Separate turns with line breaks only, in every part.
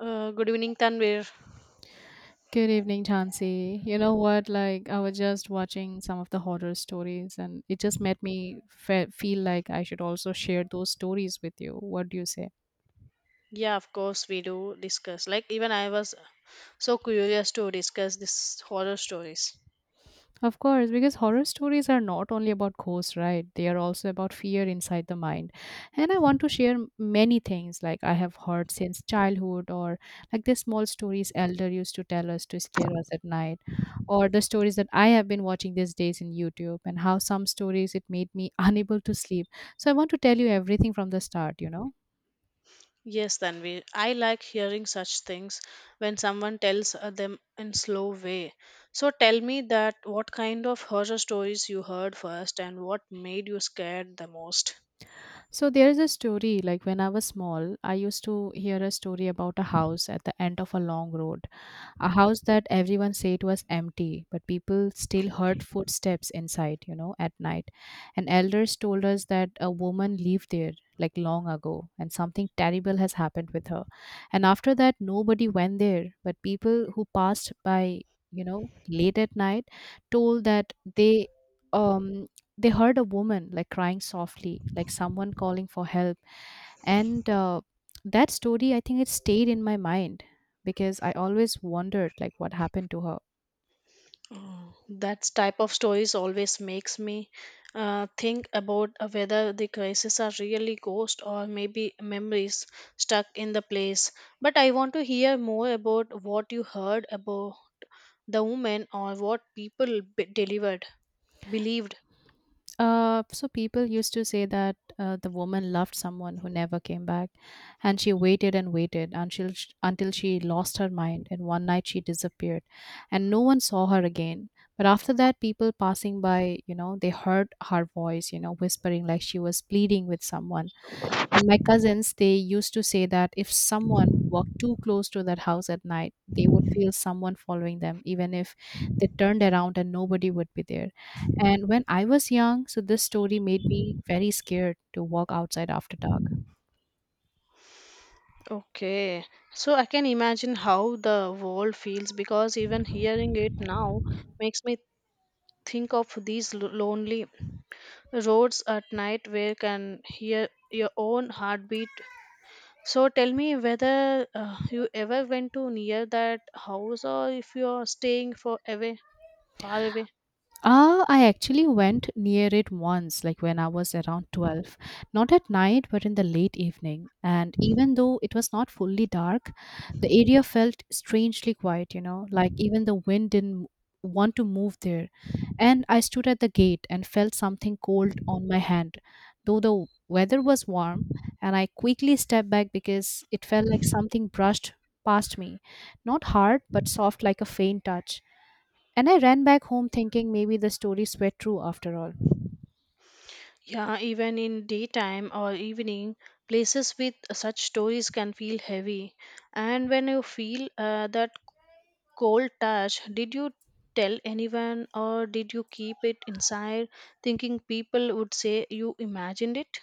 Good evening, Tanvir.
Good evening, Chansey. You know what? Like, I was just watching some of the horror stories, and it just made me feel like I should also share those stories with you. What do you say?
Yeah, of course we do discuss. Like even I was so curious to discuss this horror stories.
Of course, because horror stories are not only about ghosts, right? They are also about fear inside the mind. And I want to share many things like I have heard since childhood, or like the small stories elder used to tell us to scare us at night, or the stories that I have been watching these days in YouTube, and how some stories it made me unable to sleep. So I want to tell you everything from the start, you know?
Yes, Tanvir. I like hearing such things when someone tells them in slow way. So tell me that what kind of horror stories you heard first and what made you scared the most.
So there is a story like when I was small, I used to hear a story about a house at the end of a long road, a house that everyone said was empty, but people still heard footsteps inside, you know, at night. And elders told us that a woman lived there like long ago and something terrible has happened with her. And after that, nobody went there, but people who passed by, you know, late at night told that um they heard a woman like crying softly, like someone calling for help. And that story, I think it stayed in my mind because I always wondered like what happened to her.
Oh, that type of stories always makes me think about whether the crises are really ghosts or maybe memories stuck in the place. But I want to hear more about what you heard about the woman or what people delivered believed.
So people used to say that the woman loved someone who never came back, and she waited and waited until until she lost her mind, and one night she disappeared and no one saw her again. But after that, people passing by, you know, they heard her voice, you know, whispering like she was pleading with someone. And my cousins, they used to say that if someone walked too close to that house at night, they would feel someone following them, even if they turned around and nobody would be there. And when I was young, so this story made me very scared to walk outside after dark.
Okay, so I can imagine how the world feels because even hearing it now makes me think of these lonely roads at night where you can hear your own heartbeat. So tell me whether you ever went to near that house or if you are staying for away far away.
I actually went near it once, like when I was around 12, not at night, but in the late evening. And even though it was not fully dark, the area felt strangely quiet, you know, like even the wind didn't want to move there. And I stood at the gate and felt something cold on my hand, though the weather was warm. And I quickly stepped back because it felt like something brushed past me, not hard, but soft like a faint touch. And I ran back home thinking maybe the stories were true after all.
Yeah, even in daytime or evening, places with such stories can feel heavy. And when you feel that cold touch, did you tell anyone or did you keep it inside thinking people would say you imagined it?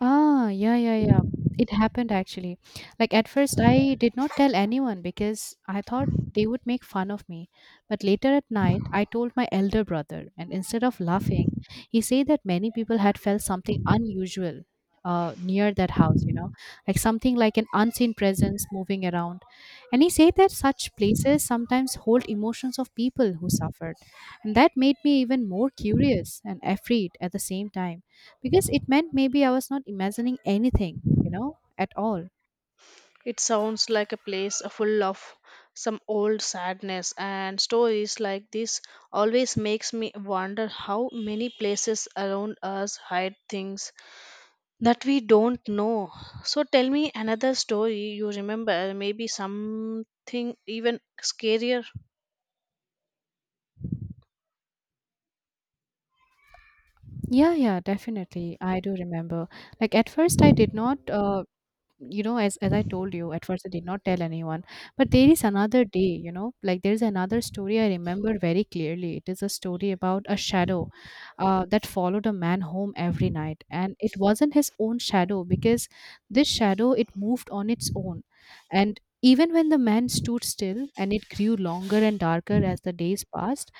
Ah, yeah, yeah, yeah. It happened actually. Like at first, I did not tell anyone because I thought they would make fun of me. But later at night, I told my elder brother, and instead of laughing, he said that many people had felt something unusual near that house, you know, like something like an unseen presence moving around. And he said that such places sometimes hold emotions of people who suffered. And that made me even more curious and afraid at the same time because it meant maybe I was not imagining anything, you know, at all.
It sounds like a place full of some old sadness, and stories like this always makes me wonder how many places around us hide things that we don't know. So tell me another story you remember, maybe something even scarier.
Yeah, yeah, definitely. I do remember. Like at first, I did not you know, as I told you, at first I did not tell anyone. But there is another day, you know, like there is another story I remember very clearly. It is a story about a shadow that followed a man home every night, and it wasn't his own shadow because this shadow, it moved on its own. And even when the man stood still, and it grew longer and darker as the days passed.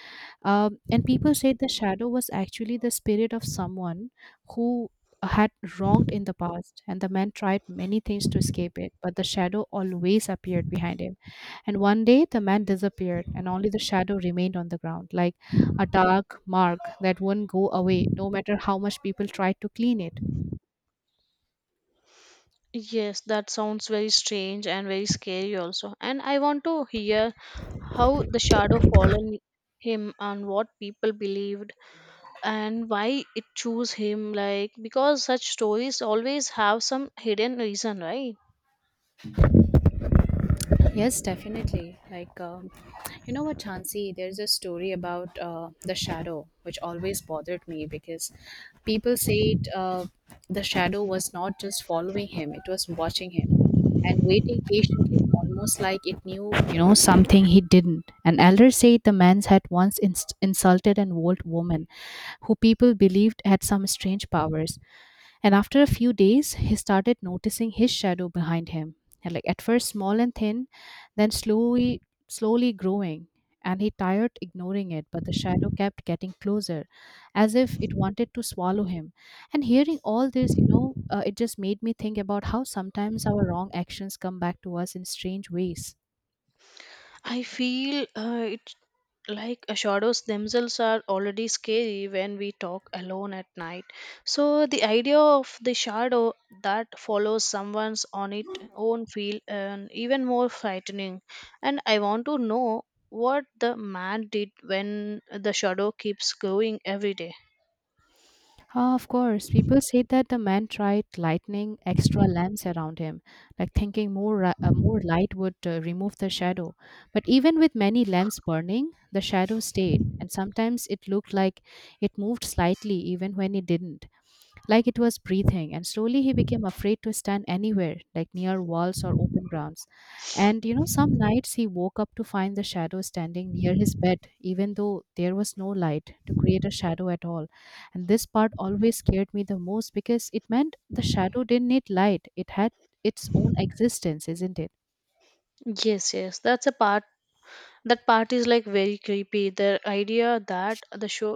And people said the shadow was actually the spirit of someone who had wronged in the past, and the man tried many things to escape it, but the shadow always appeared behind him. And one day the man disappeared, and only the shadow remained on the ground, like a dark mark that wouldn't go away, no matter how much people tried to clean it.
Yes, that sounds very strange and very scary also. And I want to hear how the shadow fallen him and what people believed and why it chose him, like because such stories always have some hidden reason, right?
Yes, definitely. Like, you know what, Chansi? There's a story about the shadow, which always bothered me because people said the shadow was not just following him, it was watching him and waiting patiently, almost like it knew, you know, something he didn't. An elder said the man had once inst insulted an old woman who people believed had some strange powers. And after a few days, he started noticing his shadow behind him, and like at first small and thin, then slowly, slowly growing. And he tired ignoring it, but the shadow kept getting closer, as if it wanted to swallow him. And hearing all this, you know, it just made me think about how sometimes our wrong actions come back to us in strange ways.
I feel it like shadows themselves are already scary when we talk alone at night, so the idea of the shadow that follows someone's on its own feel and even more frightening. And I want to know what the man did when the shadow keeps growing every day.
Ah, of course, people say that the man tried lighting extra lamps around him, like thinking more light would remove the shadow. But even with many lamps burning, the shadow stayed, and sometimes it looked like it moved slightly even when it didn't, like it was breathing. And slowly he became afraid to stand anywhere, like near walls or open grounds. And you know, some nights he woke up to find the shadow standing near his bed, even though there was no light to create a shadow at all. And this part always scared me the most because it meant the shadow didn't need light, it had its own existence, isn't it?
Yes, that's a part. That part is like very creepy. The idea that the show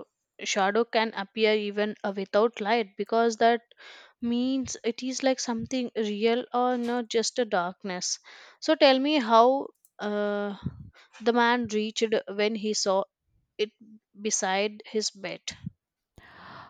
shadow can appear even without light, because that means it is like something real or not just a darkness. So tell me how uh, the man reached when he saw it beside his bed.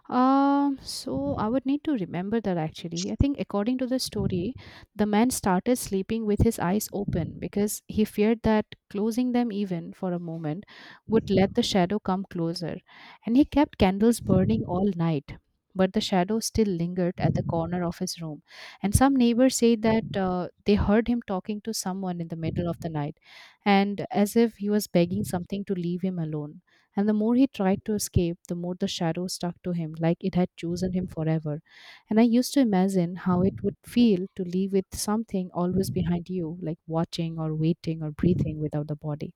So I would need to remember that actually. I think according to the story, the man started sleeping with his eyes open because he feared that closing them even for a moment would let the shadow come closer. And he kept candles burning all night. But the shadow still lingered at the corner of his room. And some neighbors say that they heard him talking to someone in the middle of the night, and as if he was begging something to leave him alone. And the more he tried to escape, the more the shadow stuck to him, like it had chosen him forever. And I used to imagine how it would feel to live with something always behind you, like watching or waiting or breathing without the body.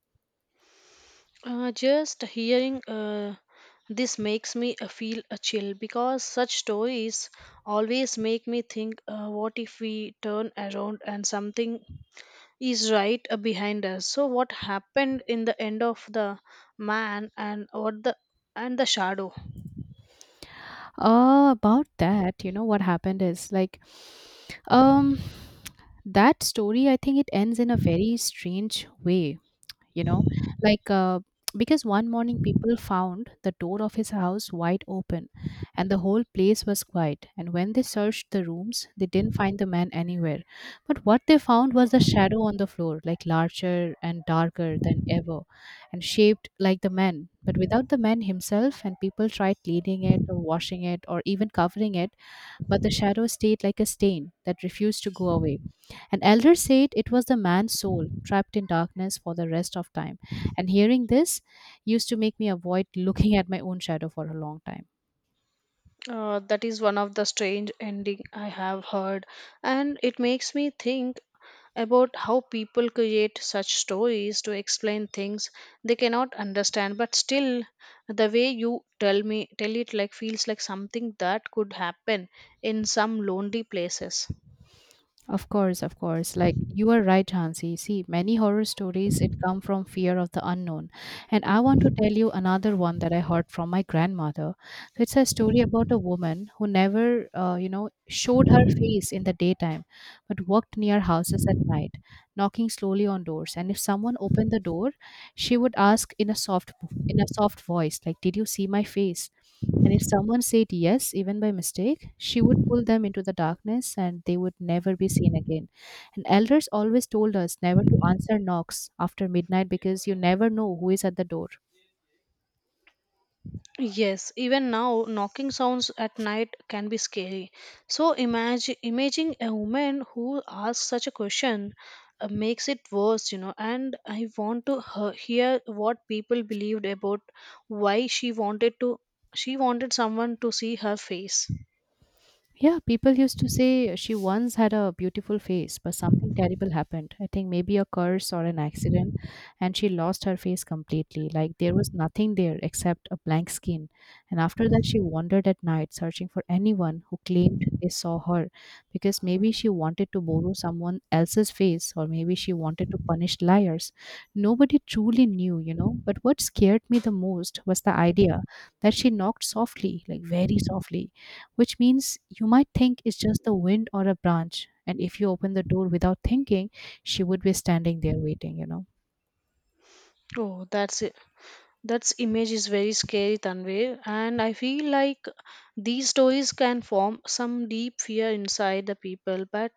Just hearing this makes me feel a chill, because such stories always make me think what if we turn around and something is right behind us. So what happened in the end of the man and what the shadow?
About that, you know what happened is like, um that story, I think it ends in a very strange way, you know, like, because one morning people found the door of his house wide open and the whole place was quiet. And when they searched the rooms, they didn't find the man anywhere, but what they found was the shadow on the floor, like larger and darker than ever, and shaped like the man but without the man himself. And people tried cleaning it or washing it or even covering it, but the shadow stayed like a stain that refused to go away. An elder said it was the man's soul trapped in darkness for the rest of time. And hearing this used to make me avoid looking at my own shadow for a long time.
That is one of the strange ending I have heard, and it makes me think about how people create such stories to explain things they cannot understand. But still, the way you tell it like feels like something that could happen in some lonely places.
Of course, of course. Like you are right, Hansi. See, many horror stories it come from fear of the unknown. And I want to tell you another one that I heard from my grandmother. So it's a story about a woman who never, you know, showed her face in the daytime, but walked near houses at night, knocking slowly on doors. And if someone opened the door, she would ask in a soft voice, like, "Did you see my face?" And if someone said yes, even by mistake, she would pull them into the darkness and they would never be seen again. And elders always told us never to answer knocks after midnight because you never know who is at the door.
Yes, even now, knocking sounds at night can be scary. So imagine imaging a woman who asks such a question makes it worse, you know. And I want to hear what people believed about why she wanted to she wanted someone to see her face.
Yeah, people used to say she once had a beautiful face, but something terrible happened. I think maybe a curse or an accident, and she lost her face completely. Like there was nothing there except a blank skin. And after that, she wandered at night searching for anyone who claimed they saw her because maybe she wanted to borrow someone else's face, or maybe she wanted to punish liars. Nobody truly knew, you know. But what scared me the most was the idea that she knocked softly, like very softly, which means you might think it's just the wind or a branch. And if you open the door without thinking, she would be standing there waiting, you know.
Oh, that's, that image is very scary, Tanvir, and I feel like these stories can form some deep fear inside the people, but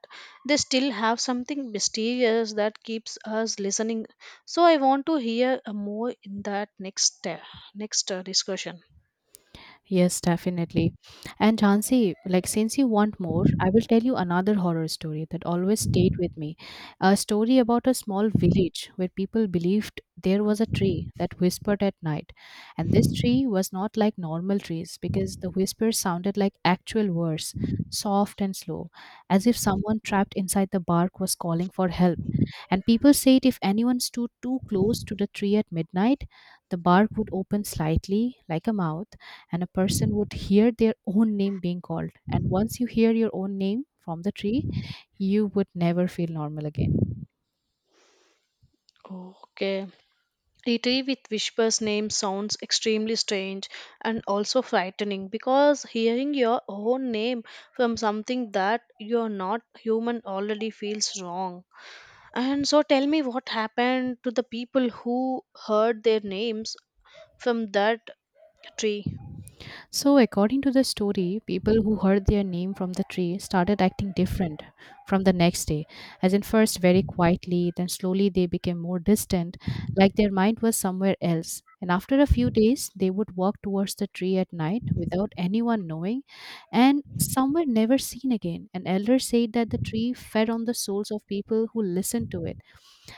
they still have something mysterious that keeps us listening. So I want to hear more in that next discussion.
Yes, definitely. And Jansi, like since you want more, I will tell you another horror story that always stayed with me. A story about a small village where people believed there was a tree that whispered at night. And this tree was not like normal trees because the whispers sounded like actual words, soft and slow, as if someone trapped inside the bark was calling for help. And people said if anyone stood too close to the tree at midnight, the bark would open slightly, like a mouth, and a person would hear their own name being called. And once you hear your own name from the tree, you would never feel normal again.
Okay. A tree with whisper's name sounds extremely strange and also frightening, because hearing your own name from something that you're not human already feels wrong. And so tell me what happened to the people who heard their names from that tree.
So, according to the story, people who heard their name from the tree started acting different from the next day. As in, first very quietly, then slowly they became more distant, like their mind was somewhere else. And after a few days, they would walk towards the tree at night without anyone knowing, and some were never seen again. An elder said that the tree fed on the souls of people who listened to it,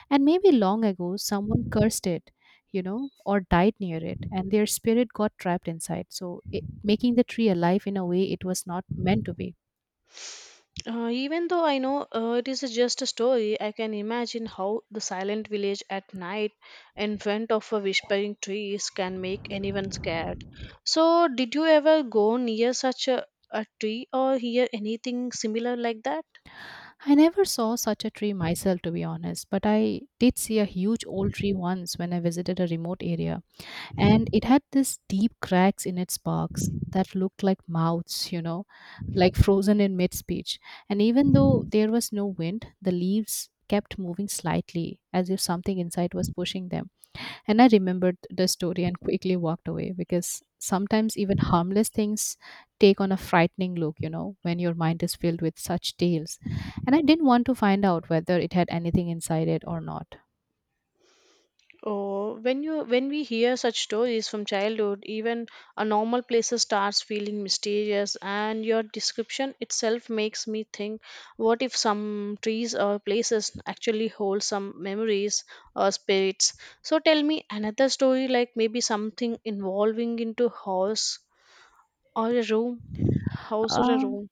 and maybe long ago, someone cursed it, you know, or died near it, and their spirit got trapped inside. So, it, making the tree alive in a way it was not meant to be.
Even though I know it is just a story, I can imagine how the silent village at night in front of a whispering trees can make anyone scared. So, did you ever go near such a tree or hear anything similar like that?
I never saw such a tree myself, to be honest, but I did see a huge old tree once when I visited a remote area, and it had this deep cracks in its barks that looked like mouths, you know, like frozen in mid speech. And even though there was no wind, the leaves kept moving slightly as if something inside was pushing them. And I remembered the story and quickly walked away because sometimes even harmless things take on a frightening look, you know, when your mind is filled with such tales. And I didn't want to find out whether it had anything inside it or not.
Oh, when you when we hear such stories from childhood, even a normal places starts feeling mysterious, and your description itself makes me think: what if some trees or places actually hold some memories or spirits? So tell me another story, like maybe something involving into house or a room, house or a
Um,
room.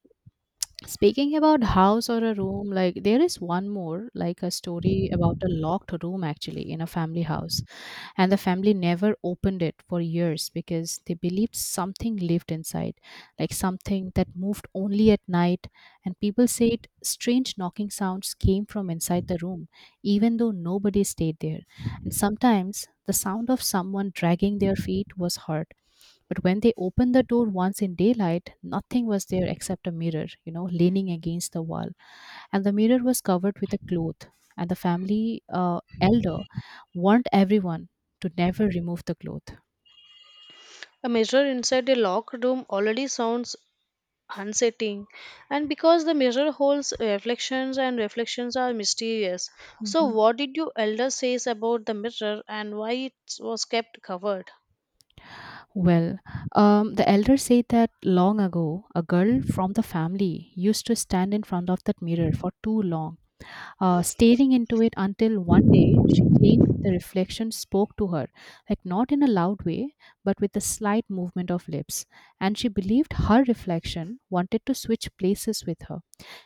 Speaking about house or a room, like there is one more, like a story about a locked room actually in a family house, and the family never opened it for years because they believed something lived inside, like something that moved only at night. And people said strange knocking sounds came from inside the room even though nobody stayed there, and sometimes the sound of someone dragging their feet was heard. But when they opened the door once in daylight, nothing was there except a mirror, you know, leaning against the wall, and the mirror was covered with a cloth, and the family elder warned everyone to never remove the cloth.
A mirror inside a locked room already sounds unsettling, and because the mirror holds reflections and reflections are mysterious, so
Mhm.
what did your elder says about the mirror and why it was kept covered?
Well, the elder said that long ago, a girl from the family used to stand in front of that mirror for too long, staring into it until one day she claimed the reflection spoke to her, like not in a loud way, but with a slight movement of lips. And she believed her reflection wanted to switch places with her.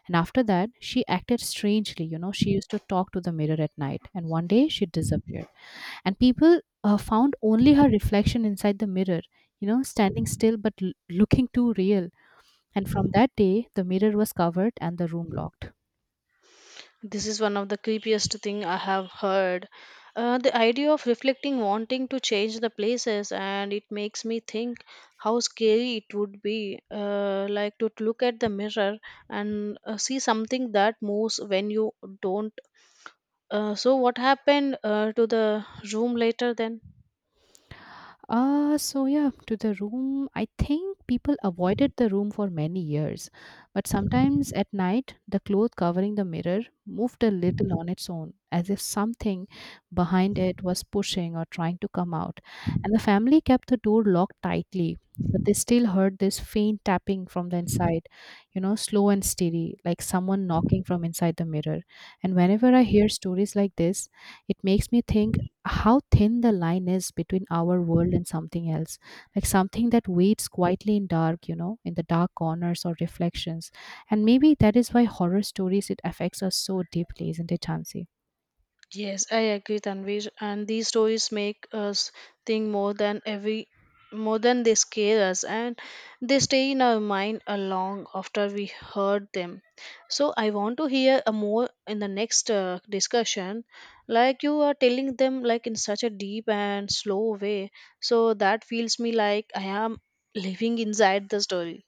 And after that, she acted strangely. You know, she used to talk to the mirror at night, and one day she disappeared. And people found only her reflection inside the mirror, you know, standing still but looking too real. And from that day, the mirror was covered and the room locked.
This is one of the creepiest thing I have heard. The idea of reflecting wanting to change the places, and it makes me think how scary it would be like to look at the mirror and see something that moves when you don't. So what happened to the room later then?
So yeah, to the room. I think people avoided the room for many years, but sometimes at night, the cloth covering the mirror moved a little on its own, as if something behind it was pushing or trying to come out. And the family kept the door locked tightly, but they still heard this faint tapping from the inside, you know, slow and steady, like someone knocking from inside the mirror. And whenever I hear stories like this, it makes me think how thin the line is between our world and something else, like something that waits quietly in dark, you know, in the dark corners or reflections. And maybe that is why horror stories, it affects us so deeply, isn't it, Chansey?
Yes, I agree, Tanvir. And these stories make us think more than they scare us, and they stay in our mind a long after we heard them. So I want to hear a more in the next discussion, like you are telling them like in such a deep and slow way, so that feels me like I am living inside the story.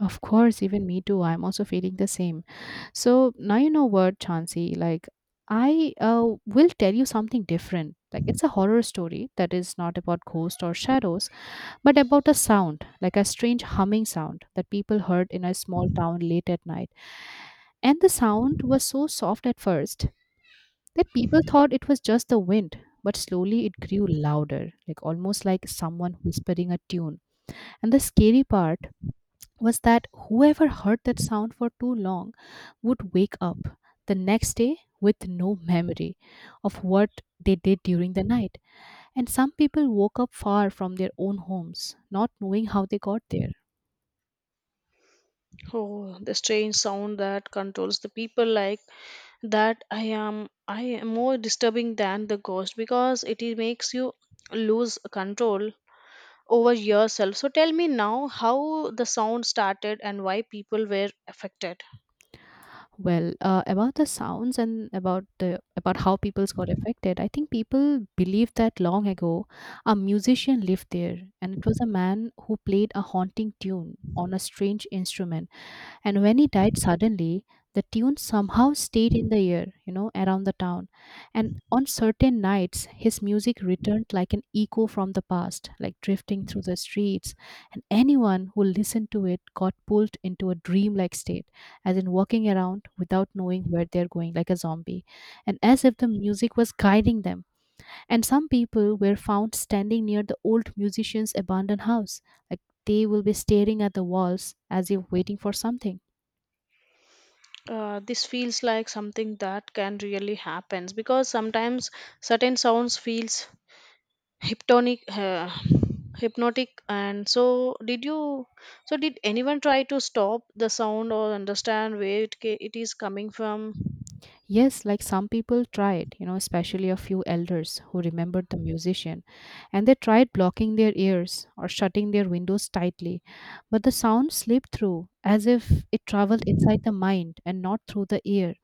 Of course, even me too, I'm also feeling the same. So now you know what, Chansey, like I will tell you something different, like it's a horror story that is not about ghosts or shadows, but about a sound, like a strange humming sound that people heard in a small town late at night. And the sound was so soft at first that people thought it was just the wind, but slowly it grew louder, like almost like someone whispering a tune. And the scary part was that whoever heard that sound for too long would wake up the next day with no memory of what they did during the night. And some people woke up far from their own homes, not knowing how they got there.
Oh, the strange sound that controls the people, like that, I am more disturbing than the ghost, because it makes you lose control over yourself. So tell me now how the sound started and why people were affected.
Well, about the sounds and about the about how peoples got affected, I think people believed that long ago a musician lived there, and it was a man who played a haunting tune on a strange instrument. And when he died suddenly, the tune somehow stayed in the air, you know, around the town. And on certain nights, his music returned like an echo from the past, like drifting through the streets. And anyone who listened to it got pulled into a dreamlike state, as in walking around without knowing where they're going, like a zombie, and as if the music was guiding them. And some people were found standing near the old musician's abandoned house, like they will be staring at the walls as if waiting for something.
This feels like something that can really happens, because sometimes certain sounds feels hypnotic uh, hypnotic. And so did anyone try to stop the sound or understand where it is coming from?
Yes, like some people tried, you know, especially a few elders who remembered the musician, and they tried blocking their ears or shutting their windows tightly, but the sound slipped through as if it traveled inside the mind and not through the ear.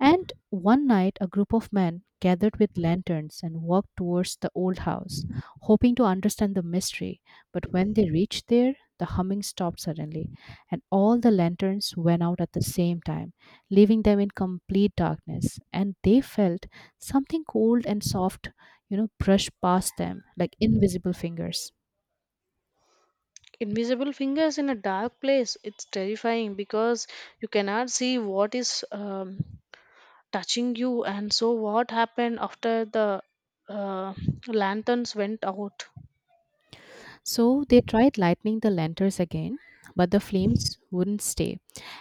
And one night, a group of men gathered with lanterns and walked towards the old house, hoping to understand the mystery. But when they reached there, the humming stopped suddenly, and all the lanterns went out at the same time, leaving them in complete darkness. And they felt something cold and soft, you know, brush past them like invisible fingers.
Invisible fingers in a dark place, it's terrifying because you cannot see what is touching you. And so what happened after the uh, lanterns went out.
So they tried lighting the lanterns again, but the flames wouldn't stay.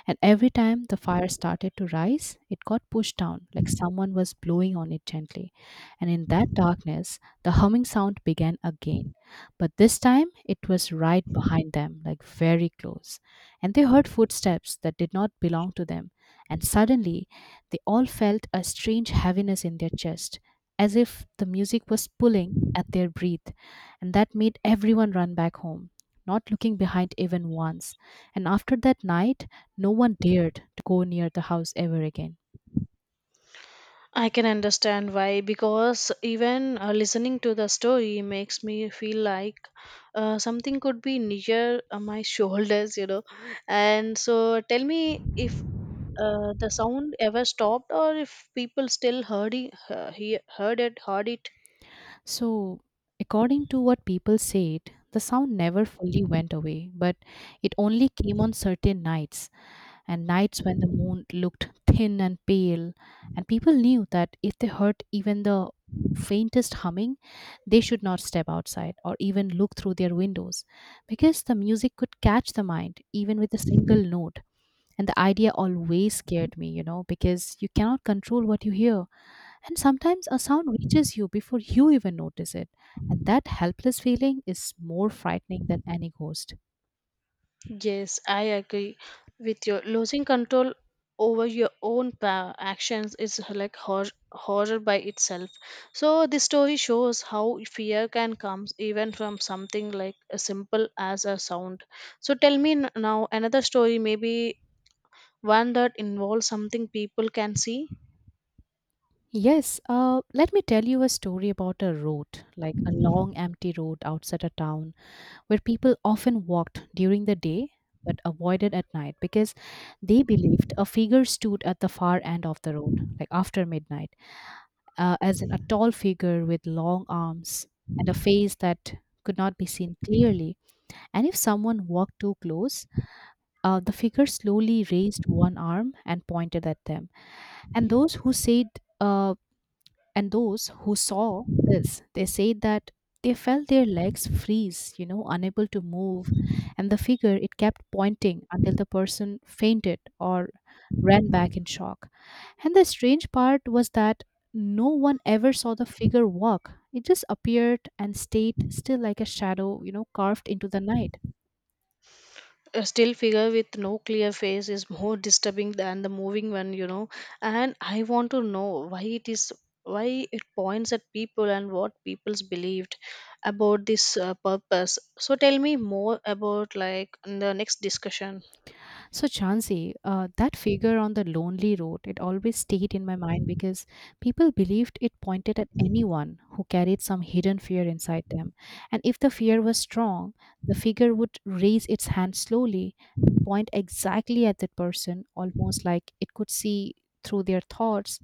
And every time the fire started to rise, it got pushed down like someone was blowing on it gently. And in that darkness, the humming sound began again. But this time it was right behind them, like very close. And they heard footsteps that did not belong to them. And suddenly they all felt a strange heaviness in their chest, as if the music was pulling at their breath, and that made everyone run back home, not looking behind even once. And after that night, no one dared to go near the house ever again.
I can understand why, because even listening to the story makes me feel like something could be near my shoulders, you know. And so, tell me if the sound ever stopped or if people still heard it, heard it.
So, according to what people said, the sound never fully went away, but it only came on certain nights, and nights when the moon looked thin and pale. And people knew that if they heard even the faintest humming, they should not step outside or even look through their windows, because the music could catch the mind even with a single note. And the idea always scared me, you know, because you cannot control what you hear. And sometimes a sound reaches you before you even notice it. And that helpless feeling is more frightening than any ghost.
Yes, I agree with you. Losing control over your own actions is like horror by itself. So this story shows how fear can come even from something like as simple as a sound. So tell me now another story, maybe one that involves something people can see.
Yes, let me tell you a story about a road, like a long empty road outside a town where people often walked during the day but avoided at night because they believed a figure stood at the far end of the road, like after midnight, as in a tall figure with long arms and a face that could not be seen clearly. And if someone walked too close, the figure slowly raised one arm and pointed at them. And those who said, uh, and those who saw this, they say that they felt their legs freeze, you know, unable to move. And the figure, it kept pointing until the person fainted or ran back in shock. And the strange part was that no one ever saw the figure walk. It just appeared and stayed still like a shadow, you know, carved into the night.
A still figure with no clear face is more disturbing than the moving one, you know. And I want to know why it is why it points at people and what people's believed about this purpose. So tell me more about like in the next discussion.
So, Chansey, that figure on the lonely road, it always stayed in my mind because people believed it pointed at anyone who carried some hidden fear inside them. And if the fear was strong, the figure would raise its hand slowly and point exactly at that person, almost like it could see through their thoughts.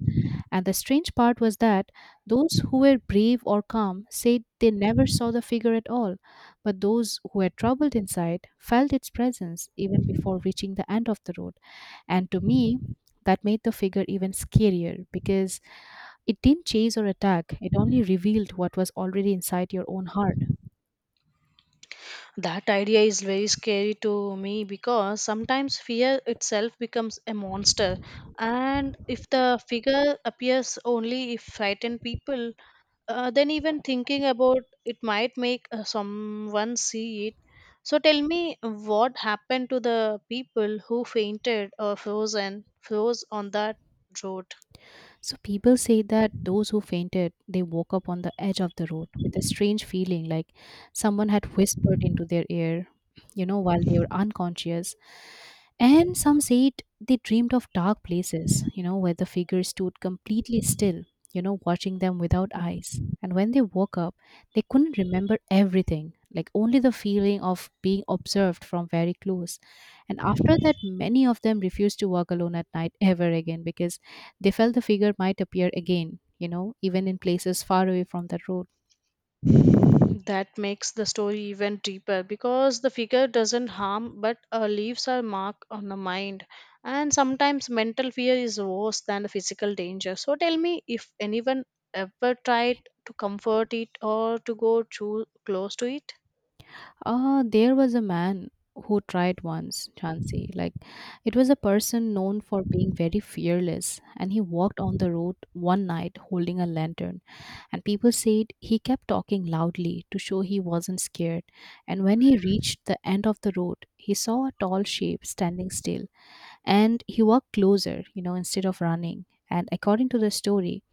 And the strange part was that those who were brave or calm said they never saw the figure at all, but those who were troubled inside felt its presence even before reaching the end of the road. And to me, that made the figure even scarier because it didn't chase or attack, it only revealed what was already inside your own heart.
That idea is very scary to me, because sometimes fear itself becomes a monster. And if the figure appears only if frightened people, then even thinking about it might make someone see it. So tell me what happened to the people who fainted or frozen froze on that road.
So people say that those who fainted, they woke up on the edge of the road with a strange feeling like someone had whispered into their ear, while they were unconscious. And some say it, they dreamed of dark places, where the figure stood completely still, watching them without eyes. And when they woke up, they couldn't remember everything, like only the feeling of being observed from very close. And after that, many of them refused to walk alone at night ever again because they felt the figure might appear again, even in places far away from the road.
That makes the story even deeper because the figure doesn't harm but leaves a mark on the mind. And sometimes mental fear is worse than the physical danger. So tell me if anyone ever tried to comfort it or to go too close to it.
Ah, there was a man who tried once, Chauncey. Like, it was a person known for being very fearless, and he walked on the road one night holding a lantern. And people said he kept talking loudly to show he wasn't scared. And when he reached the end of the road, he saw a tall shape standing still, and he walked closer, instead of running. And according to the story,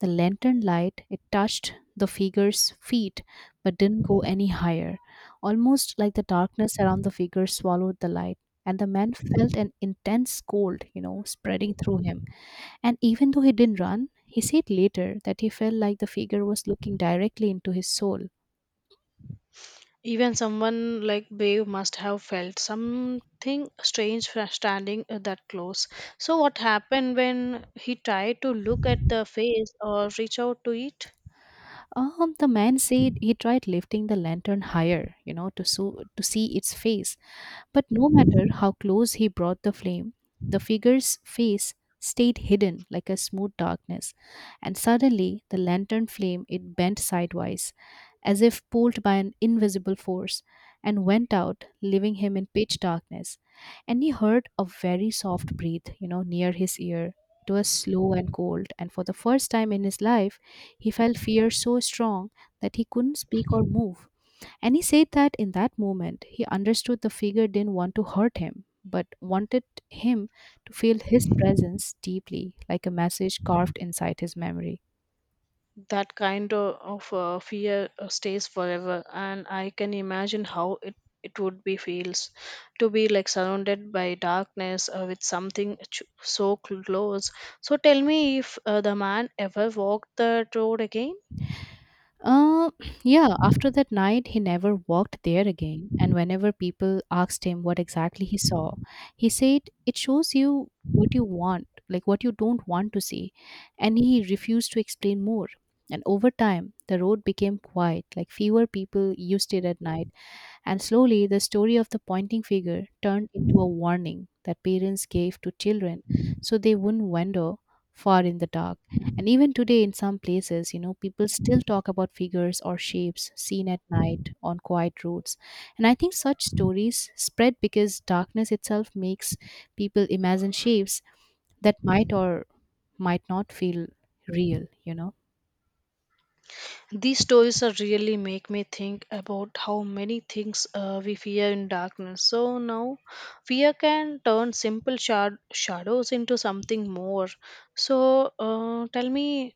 the lantern light, it touched the figure's feet but didn't go any higher. Almost like the darkness around the figure swallowed the light, and the man felt an intense cold, spreading through him. And even though he didn't run, he said later that he felt like the figure was looking directly into his soul.
Even someone like Brave must have felt something strange standing that close. So, what happened when he tried to look at the face or reach out to it?
The man said he tried lifting the lantern higher, to see its face. But no matter how close he brought the flame, the figure's face stayed hidden like a smooth darkness. And suddenly, the lantern flame it bent sidewise, as if pulled by an invisible force, and went out, leaving him in pitch darkness. And he heard a very soft breath, near his ear. It was slow and cold, and for the first time in his life, he felt fear so strong that he couldn't speak or move. And he said that in that moment, he understood the figure didn't want to hurt him, but wanted him to feel his presence deeply, like a message carved inside his memory.
That kind of fear stays forever, and I can imagine how it would be feels to be like surrounded by darkness with something so close. So, tell me if the man ever walked the road again.
Uh, yeah, after that night, he never walked there again. And whenever people asked him what exactly he saw, he said, "It shows you what you want, like what you don't want to see." And he refused to explain more. And over time, the road became quiet, like fewer people used it at night, and slowly, the story of the pointing figure turned into a warning that parents gave to children so they wouldn't wander far in the dark. And even today, in some places, people still talk about figures or shapes seen at night on quiet roads. And I think such stories spread because darkness itself makes people imagine shapes that might or might not feel real.
These stories are really make me think about how many things we fear in darkness. So now, fear can turn simple shadows into something more. So tell me,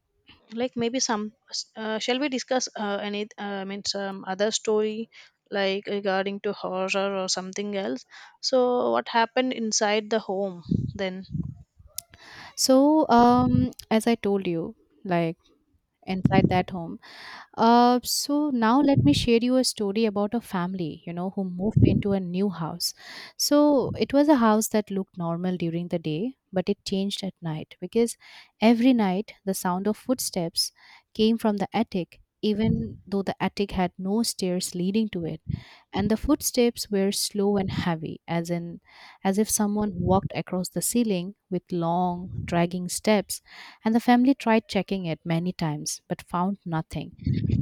like maybe shall we discuss any? Some other story like regarding to horror or something else. So what happened inside the home then?
So, as I told you, like inside that home. So now let me share you a story about a family, who moved into a new house. So it was a house that looked normal during the day, but it changed at night because every night the sound of footsteps came from the attic, even though the attic had no stairs leading to it. And the footsteps were slow and heavy, as if someone walked across the ceiling with long, dragging steps, and the family tried checking it many times but found nothing.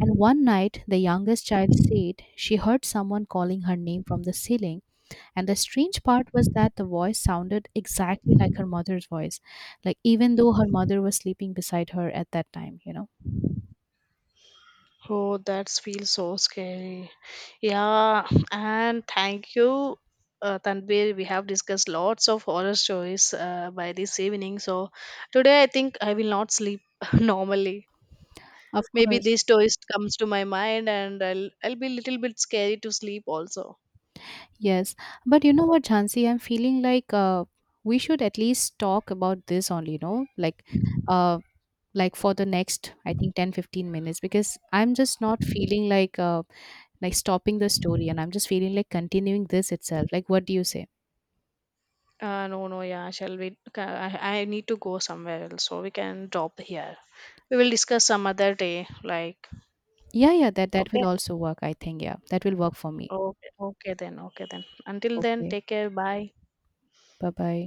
And one night, the youngest child said she heard someone calling her name from the ceiling. And the strange part was that the voice sounded exactly like her mother's voice, like even though her mother was sleeping beside her at that time.
Oh, that feels so scary. Yeah, and thank you, Tanvir. We have discussed lots of horror stories by this evening. So today, I think I will not sleep normally.
Of
Maybe
course.
this story comes to my mind, and I'll be a little bit scary to sleep also.
Yes. But you know what, Jansi, I'm feeling like we should at least talk about this only, uh, like for the next I think 10-15 minutes, because I'm just not feeling like like stopping the story, and I'm just feeling like continuing this itself. Like, what do you say?
No, no, yeah. I need to go somewhere else, so we can drop here. We will discuss some other day. Like,
Yeah, yeah, that
okay,
will also work, I think. Yeah, that will work for me.
okay then. Until then,
Okay.
take care. Bye.
Bye bye.